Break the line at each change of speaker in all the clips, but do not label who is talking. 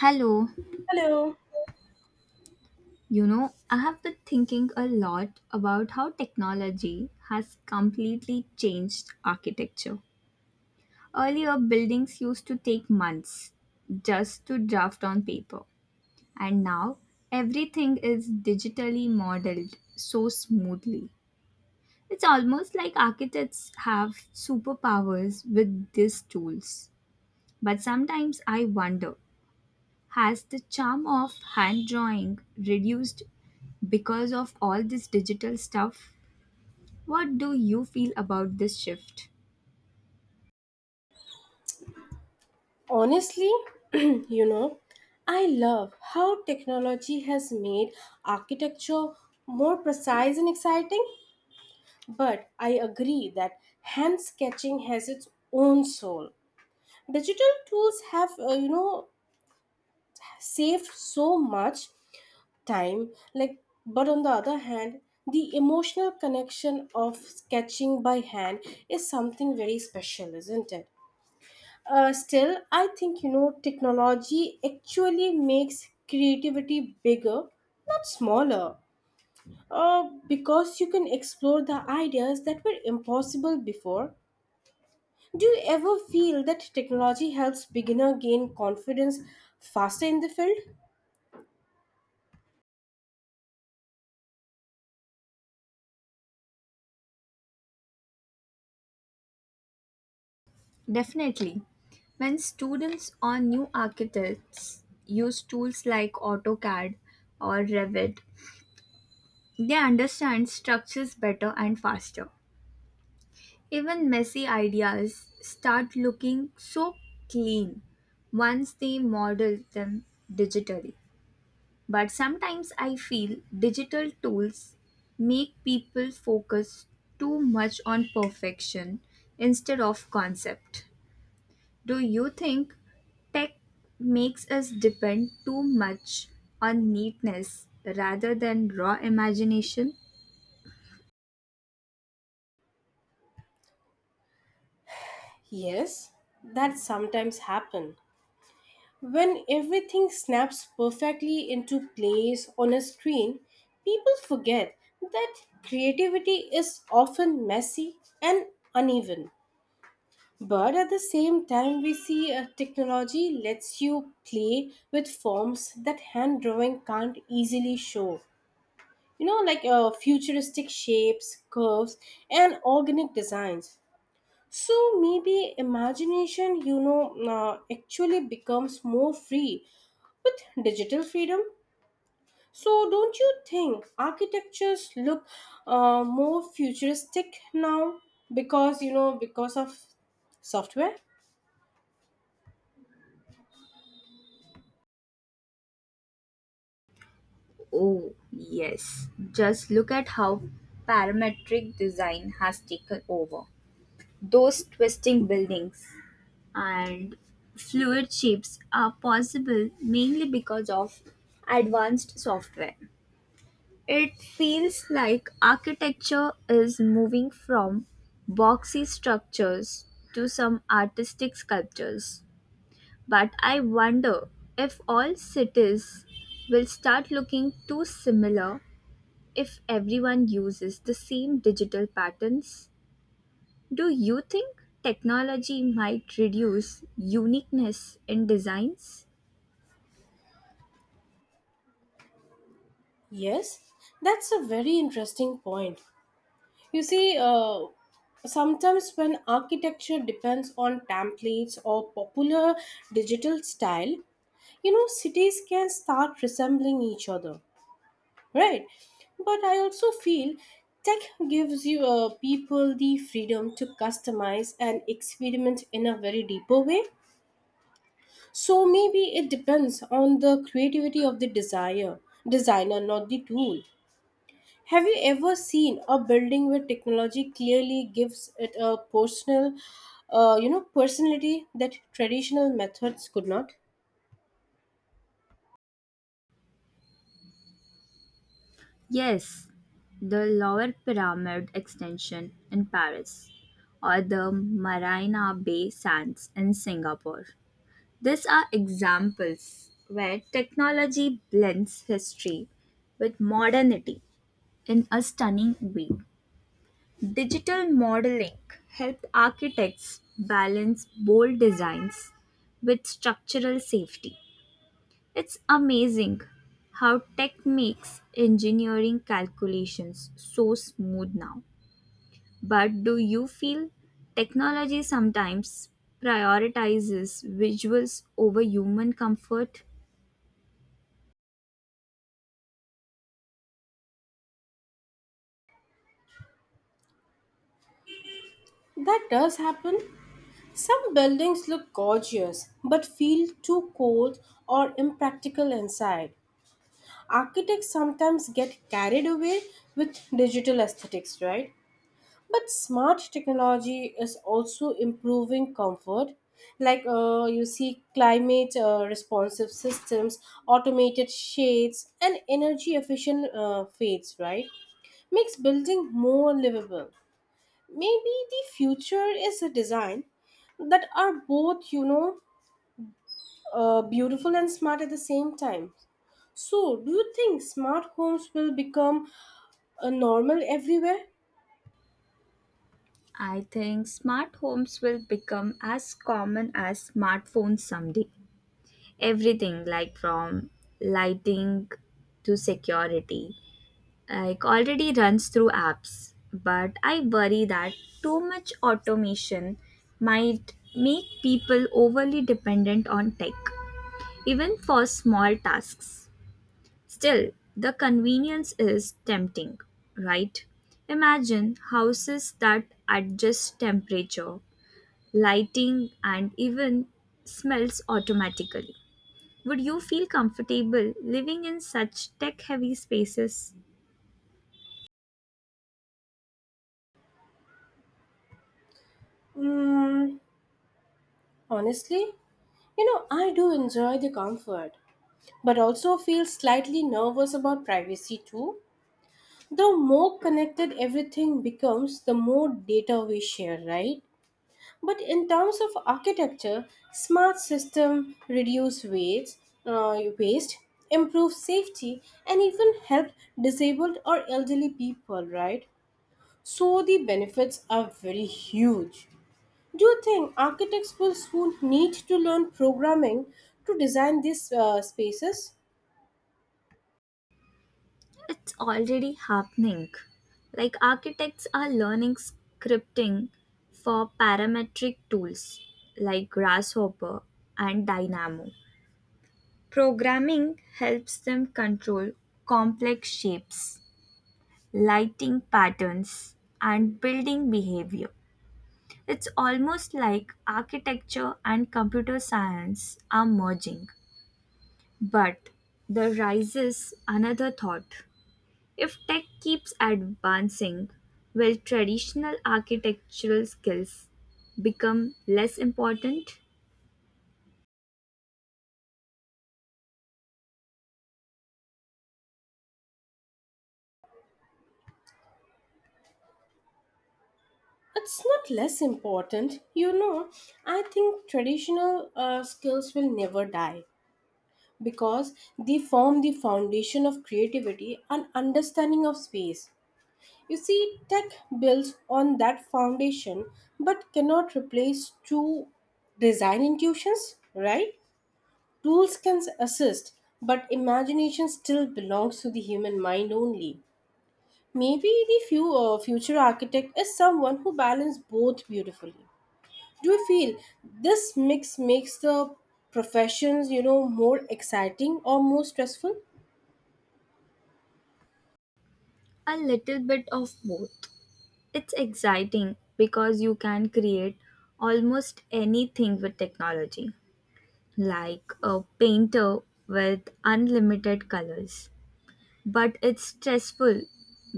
Hello.
Hello.
I have been thinking a lot about how technology has completely changed architecture. Earlier, buildings used to take months just to draft on paper, and now everything is digitally modeled so smoothly. It's almost like architects have superpowers with these tools. But sometimes I wonder, has the charm of hand drawing reduced because of all this digital stuff? What do you feel about this shift?
Honestly, you know, I love how technology has made architecture more precise and exciting, but I agree that hand sketching has its own soul. Digital tools have, saved so much time, like, but on the other hand, the emotional connection of sketching by hand is something very special, isn't it? Still, I think you know technology actually makes creativity bigger, not smaller. Because you can explore the ideas that were impossible before. Do you ever feel that technology helps beginner gain confidence faster in the field?
Definitely. When students or new architects use tools like AutoCAD or Revit, they understand structures better and faster. Even messy ideas start looking so clean once they model them digitally. But sometimes I feel digital tools make people focus too much on perfection instead of concept. Do you think tech makes us depend too much on neatness rather than raw imagination?
Yes, that sometimes happen. When everything snaps perfectly into place on a screen, people forget that creativity is often messy and uneven. But at the same time, we see a technology lets you play with forms that hand drawing can't easily show. You know, like futuristic shapes, curves, and organic designs. So maybe imagination, actually becomes more free with digital freedom. So, don't you think architectures look more futuristic now because because of software?
Oh, yes. Just look at how parametric design has taken over. Those twisting buildings, and fluid shapes are possible mainly because of advanced software. It feels like architecture is moving from boxy structures to some artistic sculptures. But I wonder if all cities will start looking too similar if everyone uses the same digital patterns. Do you think technology might reduce uniqueness in designs?
Yes, that's a very interesting point. You see, sometimes when architecture depends on templates or popular digital style, you know, cities can start resembling each other. Right, but I also feel tech gives you people the freedom to customize and experiment in a very deeper way. So maybe it depends on the creativity of the desire designer, not the tool. Have you ever seen a building where technology clearly gives it a personal you know personality that traditional methods could not?
Yes, the Lower Pyramid extension in Paris or the Marina Bay Sands in Singapore. These are examples where technology blends history with modernity in a stunning way. Digital modeling helped architects balance bold designs with structural safety. It's amazing how tech makes engineering calculations so smooth now. But do you feel technology sometimes prioritizes visuals over human comfort?
That does happen. Some buildings look gorgeous but feel too cold or impractical inside. Architects sometimes get carried away with digital aesthetics, right? But smart technology is also improving comfort. Like you see, climate responsive systems, automated shades, and energy efficient fades, right? Makes building more livable. Maybe the future is a design that are both beautiful and smart at the same time. So, do you think smart homes will become a normal everywhere?
I think smart homes will become as common as smartphones someday. Everything like from lighting to security like already runs through apps, but I worry that too much automation might make people overly dependent on tech even for small tasks. Still, the convenience is tempting, right? Imagine houses that adjust temperature, lighting, and even smells automatically. Would you feel comfortable living in such tech heavy spaces?
Mm, honestly, you know, I do enjoy the comfort, but also feel slightly nervous about privacy too. The more connected everything becomes, the more data we share, right? But in terms of architecture, smart system reduce waste, uh, waste, improve safety, and even help disabled or elderly people. Right. So the benefits are very huge. Do you think architects will soon need to learn programming to design these spaces?
It's already happening. Like architects are learning scripting for parametric tools like Grasshopper and Dynamo. Programming helps them control complex shapes, lighting patterns, and building behavior. It's almost like architecture and computer science are merging. But there rises another thought. If tech keeps advancing, will traditional architectural skills become less important?
It's not less important, you know. I think traditional skills will never die because they form the foundation of creativity and understanding of space. You see, tech builds on that foundation but cannot replace true design intuitions, right? Tools can assist, but imagination still belongs to the human mind only. Maybe the future architect is someone who balances both beautifully. Do you feel this mix makes the professions, you know, more exciting or more stressful?
A little bit of both. It's exciting because you can create almost anything with technology, like a painter with unlimited colors. But it's stressful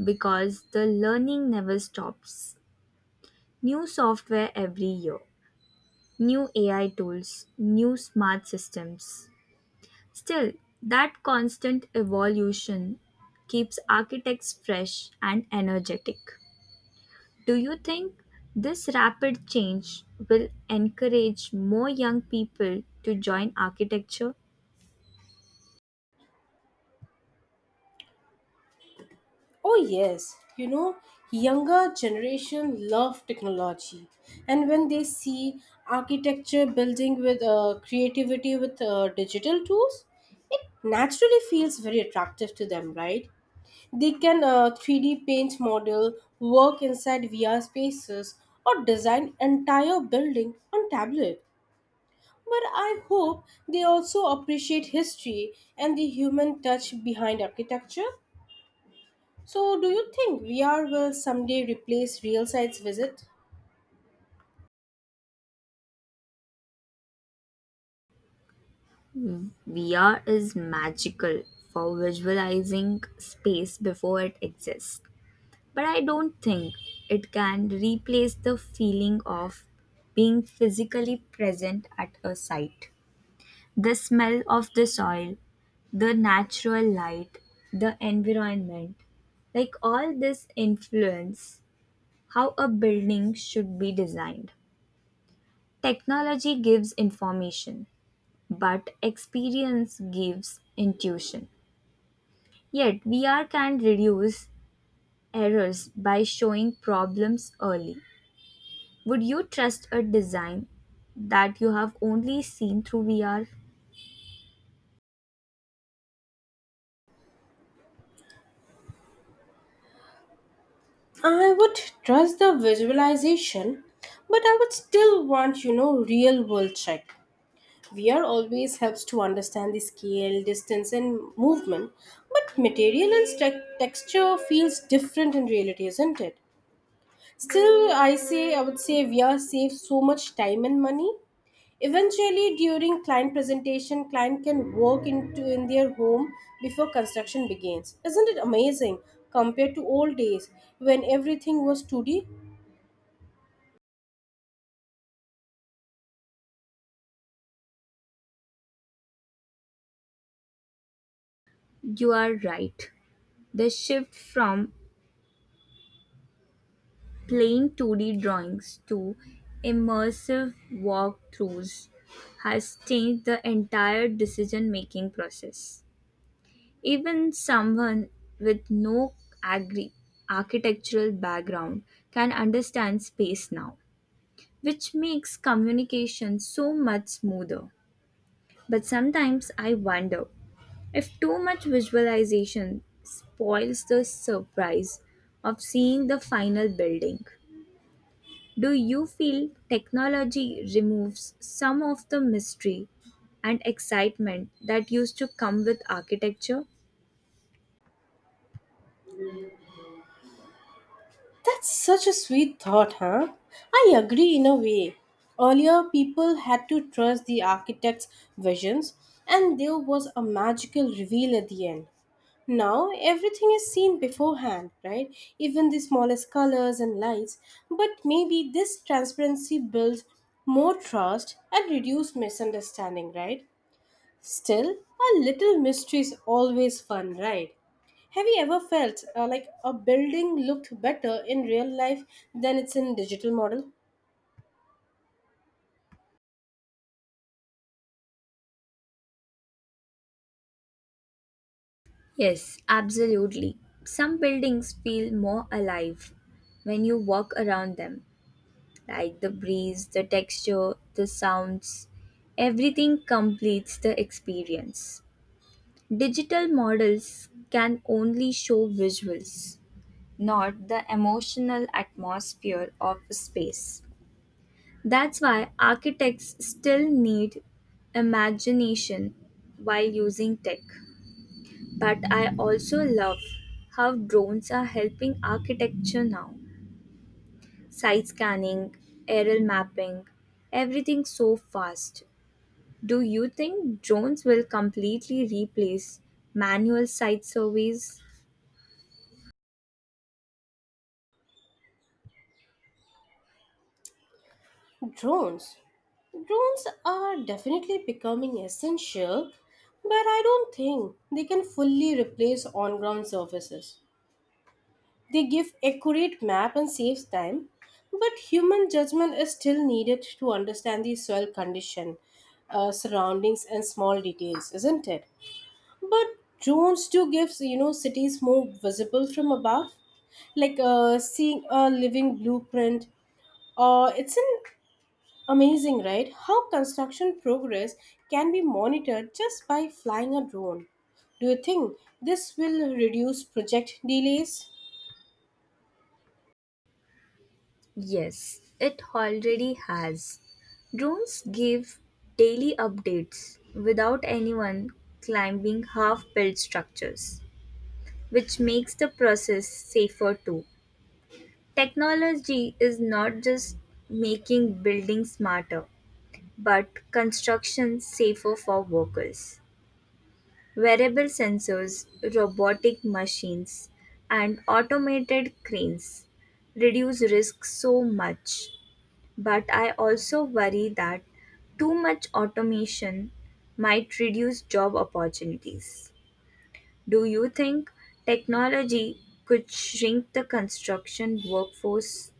because the learning never stops. New software every year, new AI tools, new smart systems. Still, that constant evolution keeps architects fresh and energetic. Do you think this rapid change will encourage more young people to join architecture?
Oh, yes. You know, younger generation love technology. And when they see architecture building with creativity with digital tools, it naturally feels very attractive to them, right? They can 3D paint model, work inside VR spaces, or design entire building on tablet. But I hope they also appreciate history and the human touch behind architecture. So, do you think VR will someday replace real sites visit?
VR is magical for visualizing space before it exists, but I don't think it can replace the feeling of being physically present at a site. The smell of the soil, the natural light, the environment, like all this influence how a building should be designed. Technology gives information, but experience gives intuition. Yet, VR can reduce errors by showing problems early. Would you trust a design that you have only seen through VR?
I would trust the visualization, but I would still want, you know, real world check. VR always helps to understand the scale, distance, and movement, but material and texture feels different in reality, isn't it? Still, I would say VR saves so much time and money. Eventually, during client presentation, client can work into in their home before construction begins. Isn't it amazing compared to old days when everything was 2D?
You are right. The shift from plain two-D drawings to immersive walkthroughs has changed the entire decision-making process. Even someone with no agri- architectural background can understand space now, which makes communication so much smoother. But sometimes I wonder if too much visualization spoils the surprise of seeing the final building. Do you feel technology removes some of the mystery and excitement that used to come with architecture?
That's such a sweet thought, huh? I agree in a way. Earlier, people had to trust the architect's visions, and there was a magical reveal at the end. Now, everything is seen beforehand, right? Even the smallest colors and lights. But maybe this transparency builds more trust and reduces misunderstanding, right? Still, a little mystery is always fun, right? Have you ever felt like a building looked better in real life than it's in digital model?
Yes, absolutely. Some buildings feel more alive when you walk around them, like the breeze, the texture, the sounds. Everything completes the experience. Digital models can only show visuals, not the emotional atmosphere of a space. That's why architects still need imagination while using tech. But I also love how drones are helping architecture now. Site scanning, aerial mapping, everything so fast. Do you think drones will completely replace manual site surveys?
Drones. Drones are definitely becoming essential, but I don't think they can fully replace on-ground services. They give accurate map and saves time, but human judgment is still needed to understand the soil condition, surroundings, and small details, isn't it? But drones do give you know cities more visible from above, like seeing a living blueprint. Or it's an amazing, right? How construction progress can be monitored just by flying a drone. Do you think this will reduce project delays?
Yes, it already has. Drones give daily updates without anyone climbing half built structures, which makes the process safer too. Technology is not just making buildings smarter, but construction safer for workers. Wearable sensors, robotic machines, and automated cranes reduce risk so much. But I also worry that too much automation might reduce job opportunities. Do you think technology could shrink the construction workforce?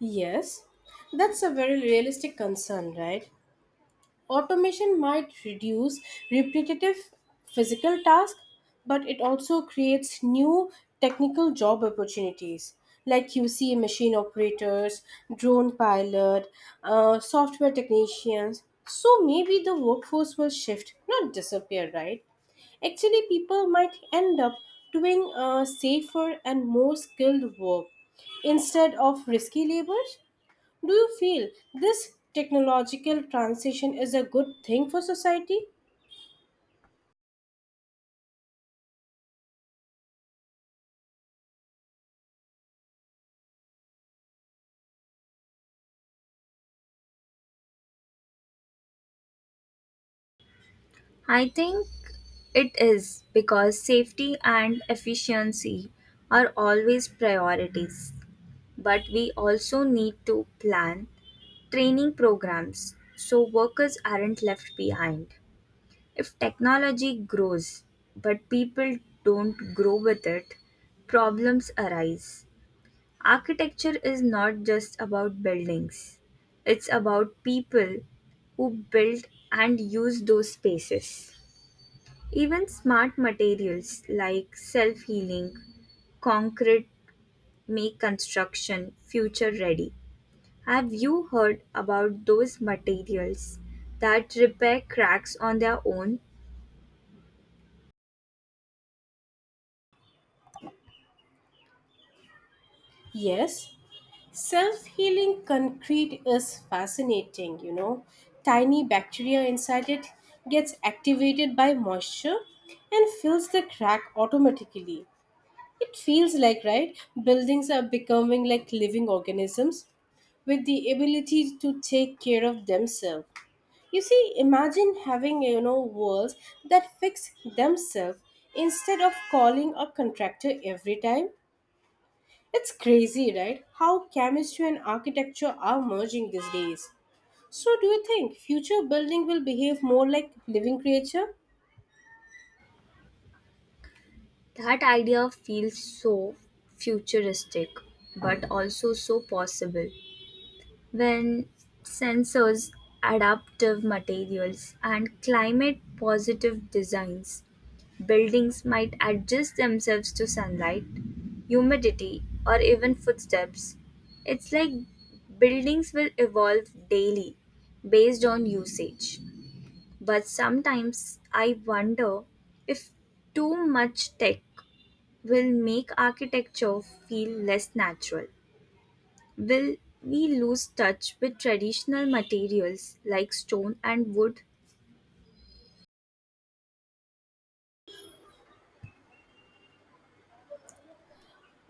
Yes, that's a very realistic concern, right? Automation might reduce repetitive physical tasks, but it also creates new technical job opportunities like QC machine operators, drone pilot, software technicians. So maybe the workforce will shift, not disappear, right? Actually, people might end up doing safer and more skilled work instead of risky labors. Do you feel this technological transition is a good thing for society?
I think it is, because safety and efficiency are always priorities. But we also need to plan training programs so workers aren't left behind. If technology grows but people don't grow with it, problems arise. Architecture is not just about buildings, it's about people who build and use those spaces. Even smart materials like self healing concrete make construction future ready. Have you heard about those materials that repair cracks on their own?
Yes. Self healing concrete is fascinating, you know. Tiny bacteria inside it gets activated by moisture and fills the crack automatically. It feels like, right, buildings are becoming like living organisms with the ability to take care of themselves. You see, imagine having you know walls that fix themselves instead of calling a contractor every time. It's crazy, right? How chemistry and architecture are merging these days. So, do you think future building will behave more like living creature?
That idea feels so futuristic, but also so possible. When sensors, adaptive materials, and climate positive designs, buildings might adjust themselves to sunlight, humidity, or even footsteps. It's like buildings will evolve daily based on usage. But sometimes I wonder if too much tech will make architecture feel less natural. Will we lose touch with traditional materials like stone and wood?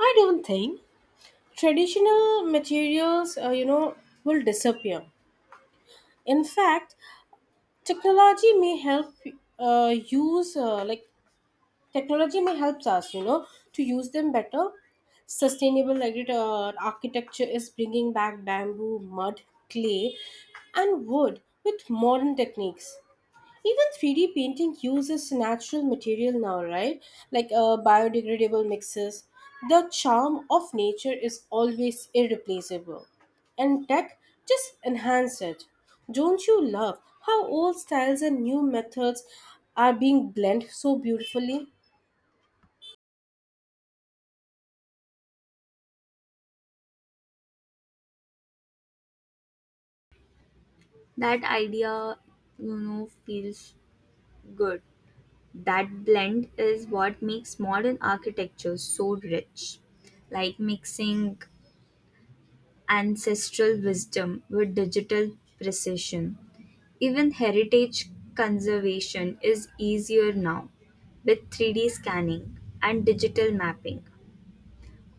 I don't think traditional materials, will disappear. In fact, technology may help uh, use uh, like Technology may help us, you know, to use them better. Sustainable architecture is bringing back bamboo, mud, clay, and wood with modern techniques. Even 3D painting uses natural material now, right? Like biodegradable mixes. The charm of nature is always irreplaceable, and tech just enhance it. Don't you love how old styles and new methods are being blended so beautifully?
That idea, feels good. That blend is what makes modern architecture so rich, like mixing ancestral wisdom with digital precision. Even heritage conservation is easier now with 3D scanning and digital mapping.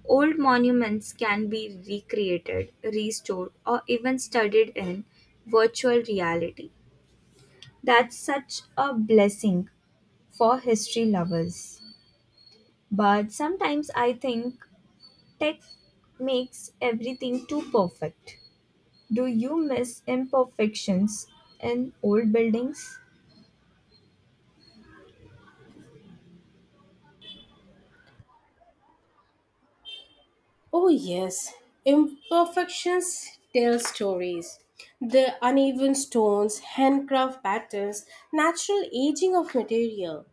Old monuments can be recreated, restored, or even studied in virtual reality. That's such a blessing for history lovers. But sometimes I think tech makes everything too perfect. Do you miss imperfections in old buildings?
Oh, yes. Imperfections tell stories. The uneven stones, handcraft patterns, natural aging of material.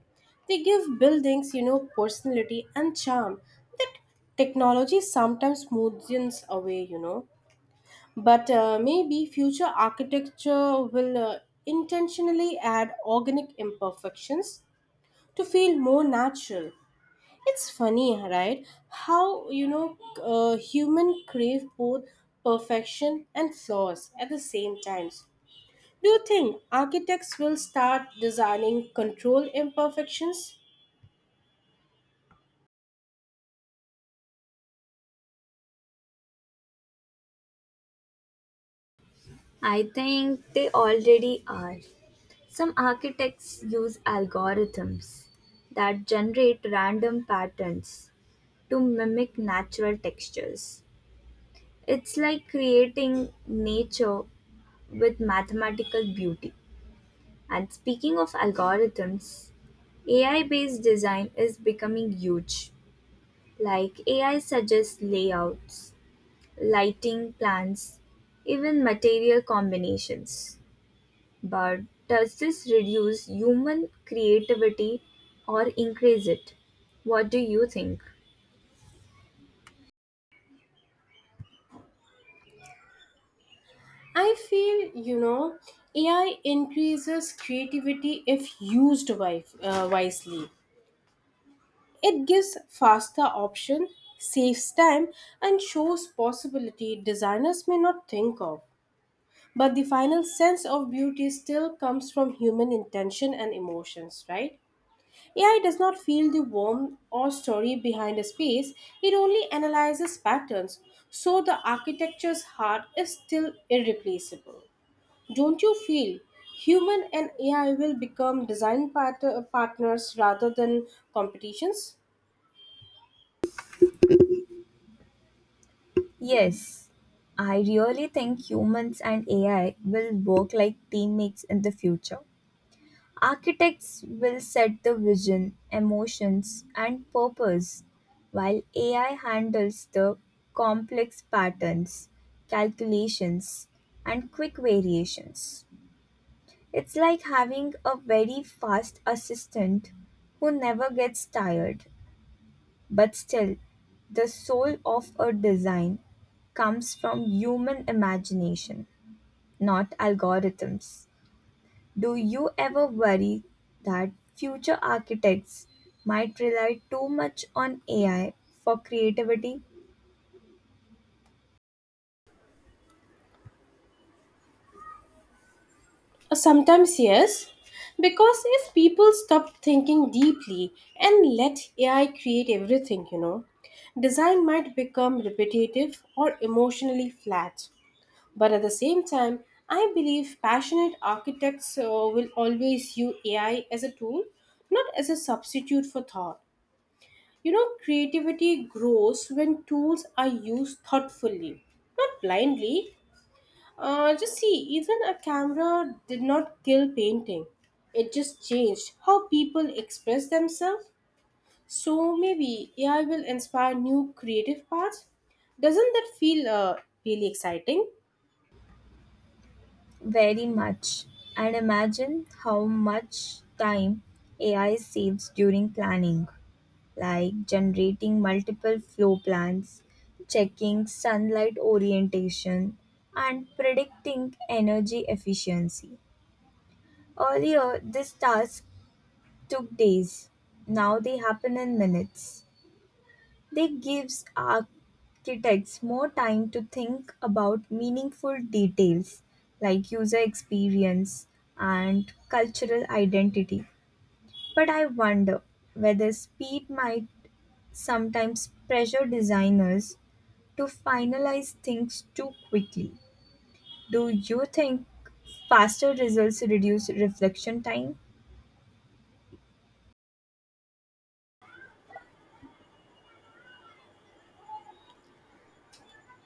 They give buildings, you know, personality and charm that technology sometimes smoothens away, you know. But maybe future architecture will intentionally add organic imperfections to feel more natural. It's funny, right? How human crave both perfection and flaws at the same times. Do you think architects will start designing controlled imperfections?
I think they already are. Some architects use algorithms that generate random patterns to mimic natural textures. It's like creating nature with mathematical beauty. And speaking of algorithms, AI based design is becoming huge. Like AI suggests layouts, lighting plans, even material combinations. But does this reduce human creativity or increase it? What do you think?
I feel you know AI increases creativity if used wisely. It gives faster option, saves time, and shows possibility designers may not think of. But the final sense of beauty still comes from human intention and emotions, right? AI does not feel the warmth or story behind a space, it only analyzes patterns, so the architecture's heart is still irreplaceable. Don't you feel human and AI will become design partners rather than competitions?
Yes, I really think humans and AI will work like teammates in the future. Architects will set the vision, emotions, and purpose, while AI handles the complex patterns, calculations, and quick variations. It's like having a very fast assistant who never gets tired, but still, the soul of a design comes from human imagination, not algorithms. Do you ever worry that future architects might rely too much on AI for creativity?
Sometimes, yes, because if people stop thinking deeply and let AI create everything, you know, design might become repetitive or emotionally flat. But at the same time, I believe passionate architects will always use AI as a tool, not as a substitute for thought. You know, creativity grows when tools are used thoughtfully, not blindly. Just see, even a camera did not kill painting. It just changed how people express themselves. So maybe AI will inspire new creative paths. Doesn't that feel really exciting?
Very much. And imagine how much time AI saves during planning. Like generating multiple flow plans, checking sunlight orientation, and predicting energy efficiency. Earlier, these tasks took days. Now they happen in minutes. They gives architects more time to think about meaningful details like user experience and cultural identity. But I wonder whether speed might sometimes pressure designers to finalize things too quickly. Do you think faster results reduce reflection time?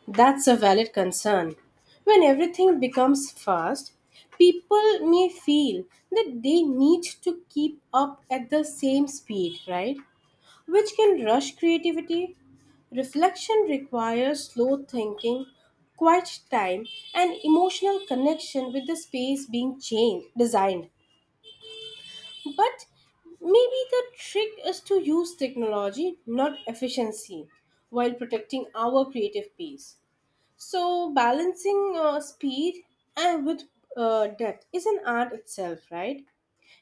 That's a valid concern. When everything becomes fast, people may feel that they need to keep up at the same speed, right? Which can rush creativity. Reflection requires slow thinking, quiet time, and emotional connection with the space being changed, designed. But maybe the trick is to use technology, not efficiency, while protecting our creative peace. So balancing speed and with depth is an art itself, right?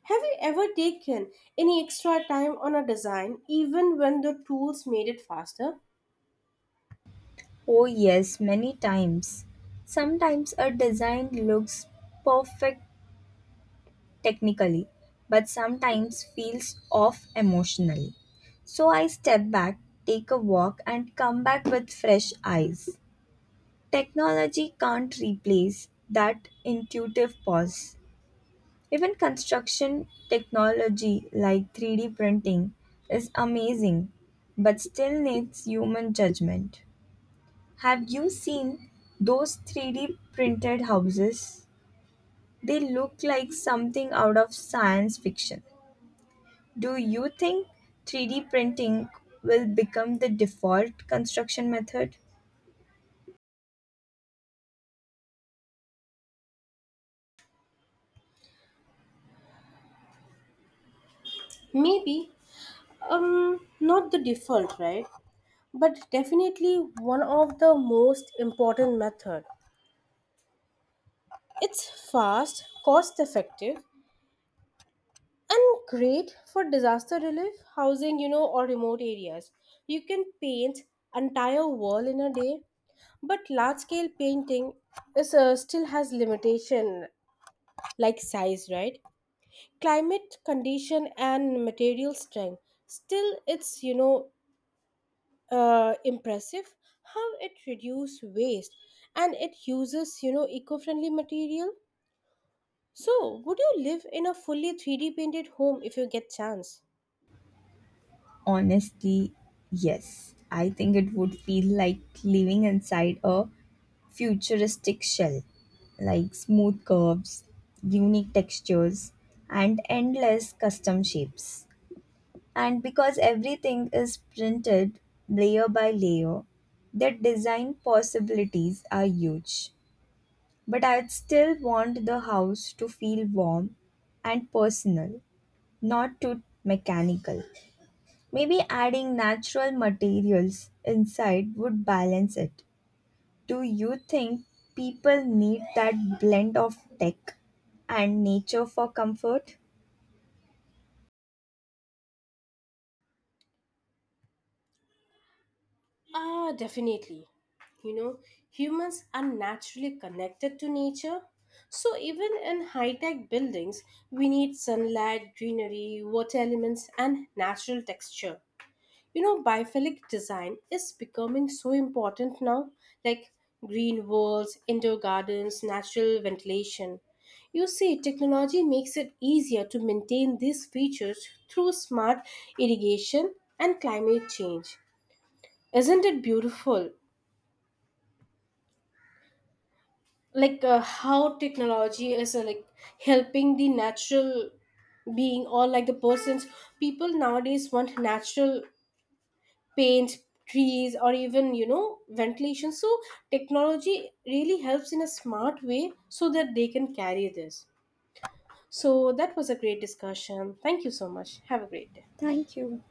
Have you ever taken any extra time on a design even when the tools made it faster?
Oh, yes, many times. Sometimes a design looks perfect technically, but sometimes feels off emotionally. So I step back, take a walk, and come back with fresh eyes. Technology can't replace that intuitive pause. Even construction technology like 3D printing is amazing but still needs human judgment. Have you seen those 3D printed houses? They look like something out of science fiction. Do you think 3D printing will become the default construction method?
Maybe not the default, right? But definitely one of the most important method. It's fast, cost effective. And great for disaster relief, housing, you know, or remote areas. You can paint entire wall in a day, but large scale painting is still has limitation like size, right? Climate condition and material strength. Still, it's impressive how it reduce waste and it uses you know eco-friendly material. So, would you live in a fully 3D painted home if you get chance?
Honestly, yes. I think it would feel like living inside a futuristic shell, like smooth curves, unique textures, and endless custom shapes. And because everything is printed layer by layer, the design possibilities are huge. But I'd still want the house to feel warm and personal, not too mechanical. Maybe adding natural materials inside would balance it. Do you think people need that blend of tech and nature for comfort?
Ah, definitely. You know, humans are naturally connected to nature. So, even in high tech buildings, we need sunlight, greenery, water elements, and natural texture. You know, biophilic design is becoming so important now, like green walls, indoor gardens, natural ventilation. You see, technology makes it easier to maintain these features through smart irrigation and climate change. Isn't it beautiful? Like how technology is like helping the natural being or like the persons, people nowadays want natural paint trees or even you know ventilation, so technology really helps in a smart way so that they can carry this. So that was a great discussion, thank you so much, have a great day.
Thank you.